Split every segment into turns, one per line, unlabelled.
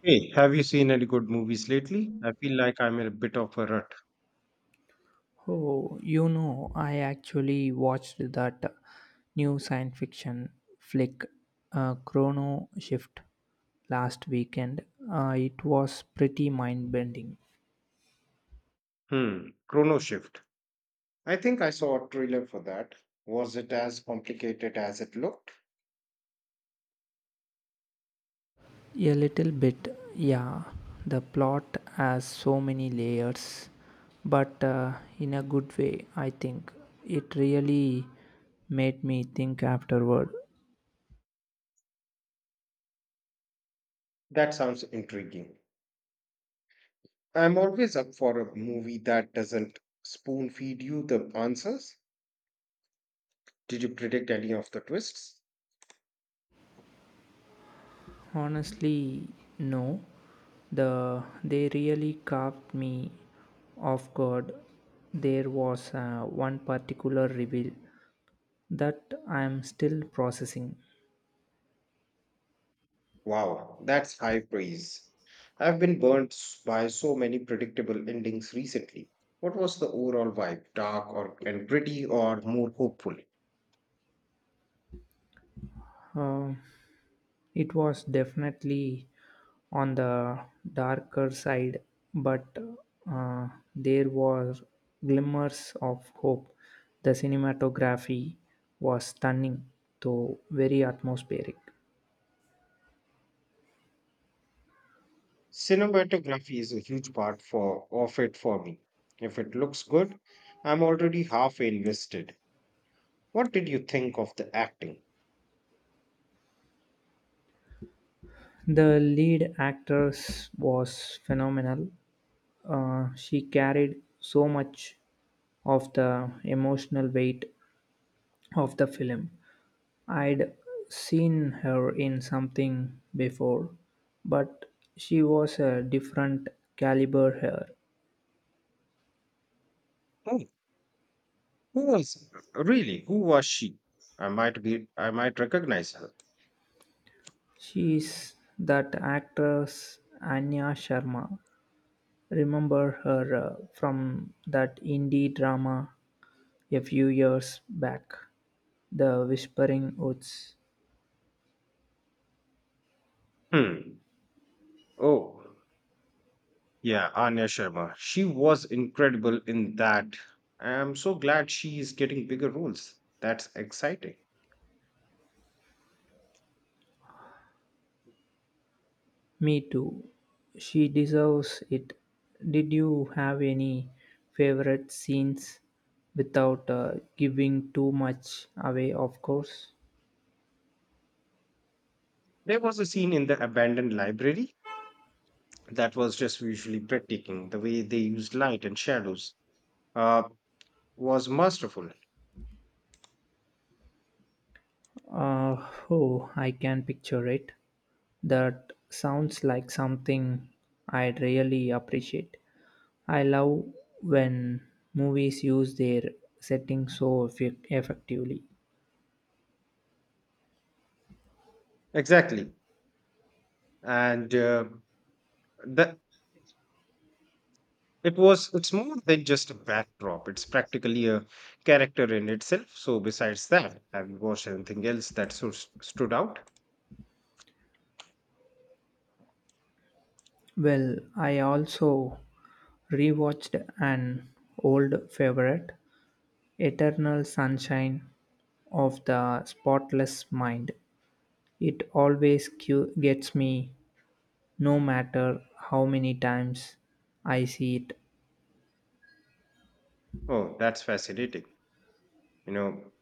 Hey, have you seen any good movies lately? I feel like I'm in a bit of a rut.
Oh, you know, I actually watched that new science fiction flick, Chrono Shift, last weekend. It was pretty mind bending.
Hmm, Chrono Shift. I think I saw a trailer for that. Was it as complicated as it looked?
A little bit, yeah. The plot has so many layers, but in a good way, I think. It really made me think afterward.
That sounds intriguing. I'm always up for a movie that doesn't spoon feed you the answers. Did you predict any of the twists?
Honestly, no. They really caught me off guard. There was one particular reveal that I am still processing.
Wow, that's high praise. I've been by so many predictable endings recently. What was the overall vibe? Dark or and pretty or more hopeful?
Uh, it was definitely on the darker side, but uh, there were glimmers of hope. The cinematography was stunning, though very atmospheric.
Cinematography is a huge part for of it for me. If it looks good, I'm already halfway invested. What did you think of the acting?
The lead actress was phenomenal. She carried so much of the emotional weight of the film. I'd seen her in something before, but she was a different caliber here.
Who, who was really? Who was she? I might be. I might recognize her.
She's that actress Anya Sharma. Remember her from that indie drama a few years back, The Whispering Woods.
Hmm. Oh, yeah, Anya Sharma. She was incredible in that. I am so glad she is getting bigger roles. That's exciting.
Me too. She deserves it. Did you have any favorite scenes without giving too much away, of course?
There was a scene in the abandoned library that was just visually breathtaking. The way they used light and shadows uh, was masterful.
Oh, I can picture it. That sounds like something I'd really appreciate. I love when movies use their setting so effectively.
Exactly. And the it's more than just a backdrop. It's practically a character in itself. So besides that, have you watched anything else that so stood out?
Well, I also rewatched an old favorite, Eternal Sunshine of the Spotless Mind. It always gets me, no matter how many times I see it.
Oh, that's fascinating. You know,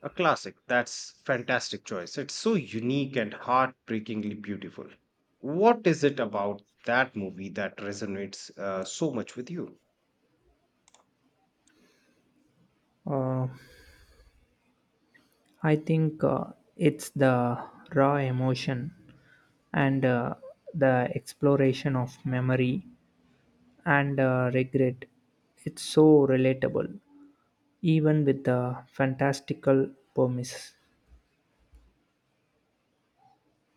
a classic. That's fantastic choice. It's so unique and heartbreakingly beautiful. What is it about that movie that resonates so much with you?
Uh, I think it's the raw emotion and the exploration of memory and regret. It's so relatable, even with the fantastical premise.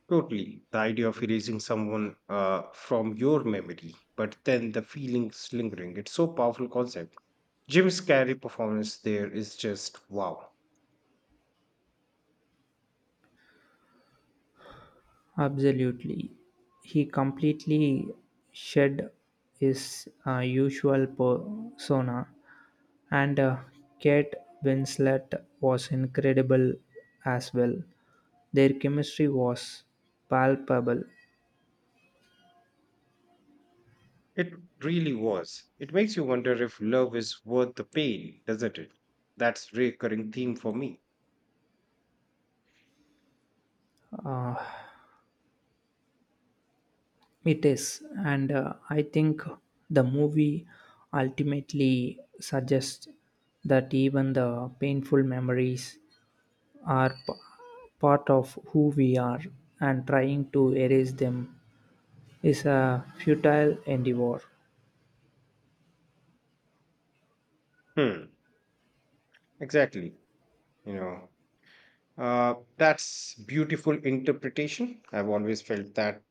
Totally. The idea of erasing someone from your memory, but then the feelings lingering. It's so powerful concept. Jim's Carrey performance there is just wow.
Absolutely. He completely shed his usual persona, and Kate Winslet was incredible as well. Their chemistry was palpable.
It really was. It makes you wonder if love is worth the pain, doesn't it? That's recurring theme for me.
Uh, it is, and I think the movie ultimately suggests that even the painful memories are part of who we are, and trying to erase them is a futile endeavor.
Hmm. Exactly. You know, that's beautiful interpretation. I've always felt that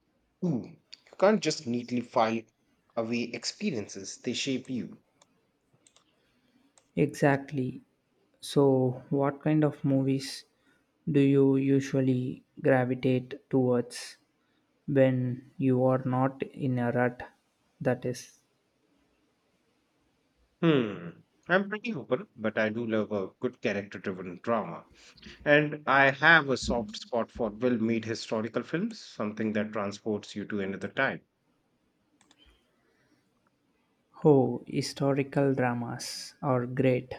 too. You can't just neatly file away experiences, they shape you.
Exactly. So, what kind of movies do you usually gravitate towards when you are not in a rut? That is.
Hmm. I'm pretty open, but I do love a good character driven drama. And I have a soft spot for well made historical films, something that transports you to another time.
Oh, historical dramas are great.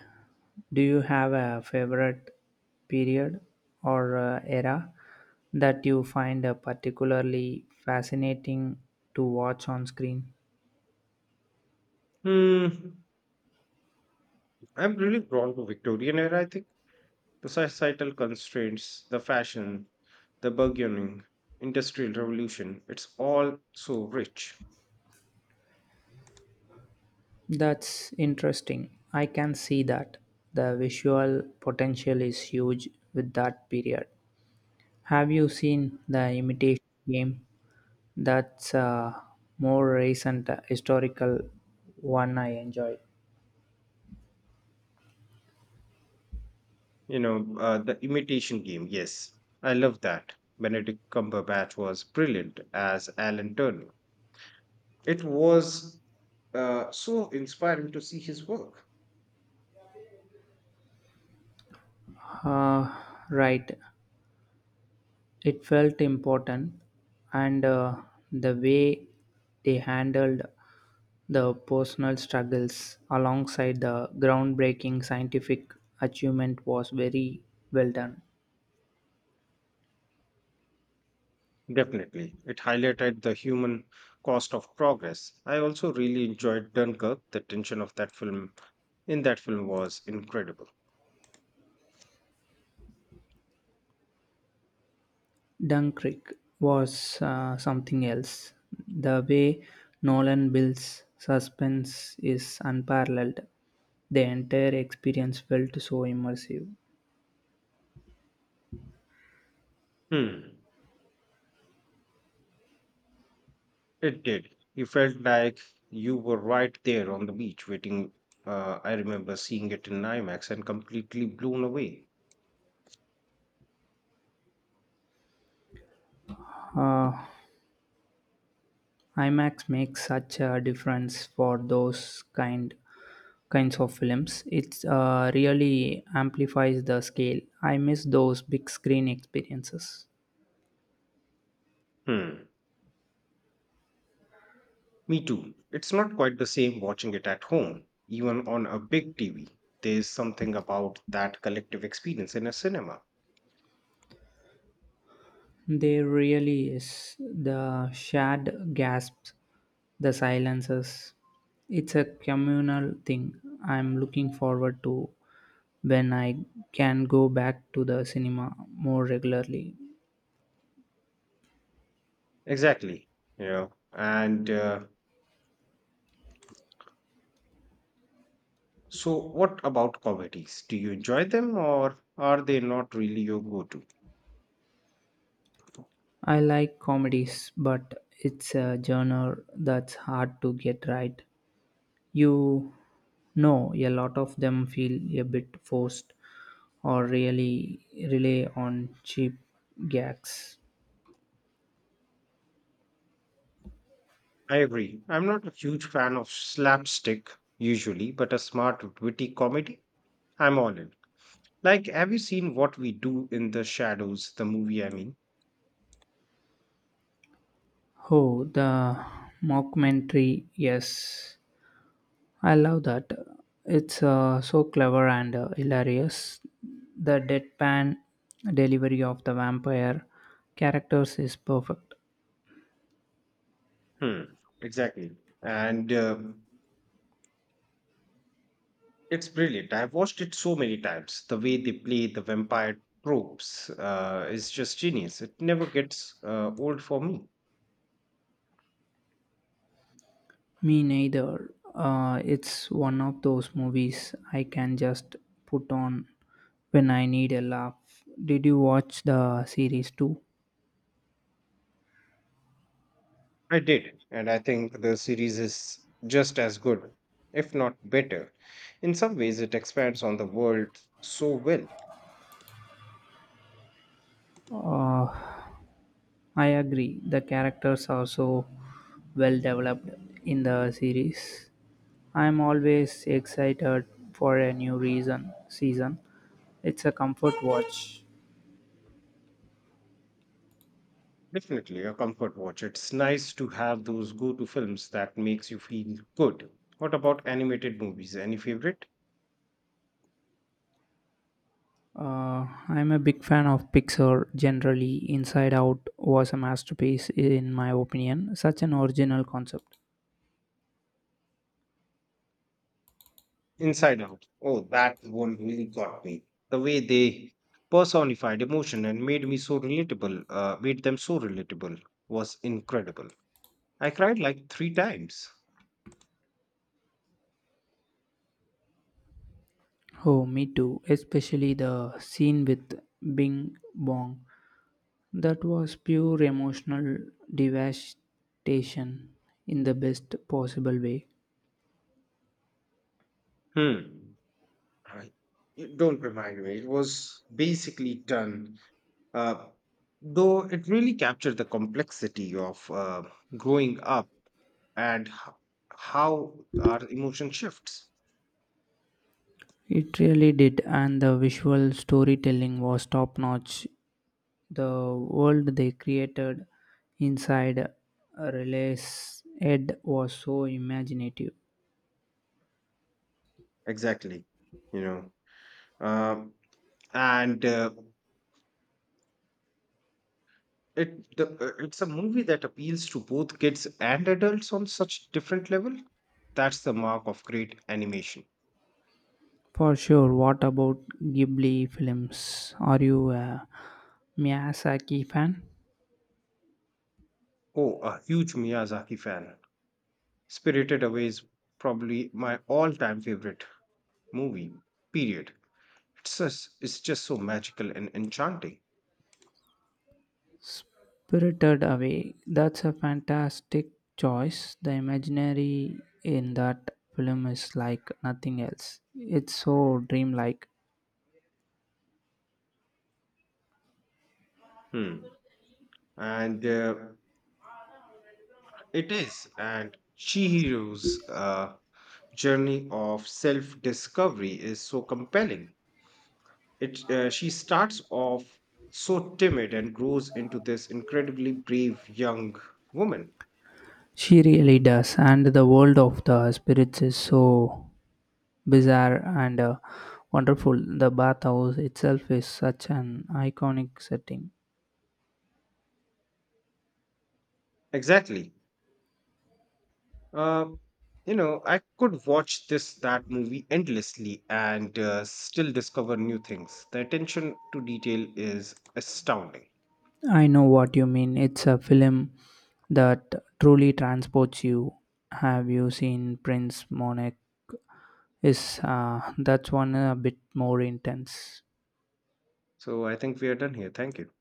Do you have a favorite period or era that you find particularly fascinating to watch on screen?
Hmm. I'm really drawn to Victorian era, I think. The societal constraints, the fashion, the burgeoning industrial revolution, it's all so rich.
That's interesting. I can see that. The visual potential is huge with that period. Have you seen The Imitation Game? That's a more recent historical one I enjoyed.
You know, the imitation game, yes, I love that. Benedict Cumberbatch was brilliant as Alan Turner. It was so inspiring to see his work.
Uh, right. It felt important, and the way they handled the personal struggles alongside the groundbreaking scientific achievement was very well done.
Definitely. It highlighted the human cost of progress. I also really enjoyed Dunkirk. The tension of that film in that film was incredible.
Dunkirk was something else. The way Nolan builds suspense is unparalleled. The entire experience felt so immersive.
Hmm. It did. You felt like you were right there on the beach waiting. I remember seeing it in IMAX and completely blown away.
Uh, IMAX makes such a difference for those kinds of films. It really amplifies the scale. I miss those big screen experiences.
Hmm. Me too. It's not quite the same watching it at home, even on a big TV. There's something about that collective experience in a cinema.
There really is the shared gasps, the silences. It's a communal thing. I'm looking forward to when I can go back to the cinema more regularly.
Exactly. You know, and So, what about comedies? Do you enjoy them or are they not really your go to?
I like comedies, but it's a genre that's hard to get right. You know, a lot of them feel a bit forced or really rely on cheap gags.
I agree. I'm not a huge fan of slapstick usually, but a smart, witty comedy, I'm all in. Like, have you seen What We Do in the Shadows, the movie?
Oh, the mockumentary, yes. I love that. It's so clever and hilarious. The deadpan delivery of the vampire characters is perfect.
Hmm, exactly. And it's brilliant. I've watched it so many times. The way they play the vampire tropes is just genius. It never gets old for me.
Me neither. It's one of those movies I can just put on when I need a laugh. Did you watch the series too?
I did, and I think the series is just as good, if not better. In some ways, it expands on the world so well.
Uh, I agree. The characters are so well developed in the series. I'm always excited for a new reason season. It's a comfort watch.
Definitely a comfort watch. It's nice to have those go-to films that makes you feel good. What about animated movies? Any favorite?
I'm a big fan of Pixar generally. Inside Out was a masterpiece, in my opinion. Such an original concept.
Inside Out. Oh, that one really got me. The way they personified emotion and made me so relatable, made them so relatable was incredible. I cried like three times.
Oh, me too. Especially the scene with Bing Bong. That was pure emotional devastation in the best possible way.
Hmm. I- you don't remind me. It was basically done, uh, though it really captured the complexity of growing up and how our emotion shifts.
It really did, and the visual storytelling was top notch. The world they created inside Relay's head was so imaginative.
Exactly, you know, um, and uh, it's a movie that appeals to both kids and adults on such different level. That's the mark of great animation.
For sure, what about Ghibli films? Are you a Miyazaki fan?
Oh, a huge Miyazaki fan. Spirited Away is probably my all-time favorite movie, period. It's just so magical and enchanting.
Spirited Away. That's a fantastic choice. The imaginary in that film is like nothing else. It's so dreamlike.
Hmm. And it is. And Chihiro's journey of self discovery is so compelling. She starts off so timid and grows into this incredibly brave young woman.
She really does, and the world of the spirits is so bizarre and wonderful. The bathhouse itself is such an iconic setting.
Exactly. Um, I could watch this that movie endlessly and still discover new things. The attention to detail is astounding.
I know what you mean. It's a film that truly transports you. Have you seen Prince Monet? Is that's one a bit more intense.
So I think we are done here. Thank you.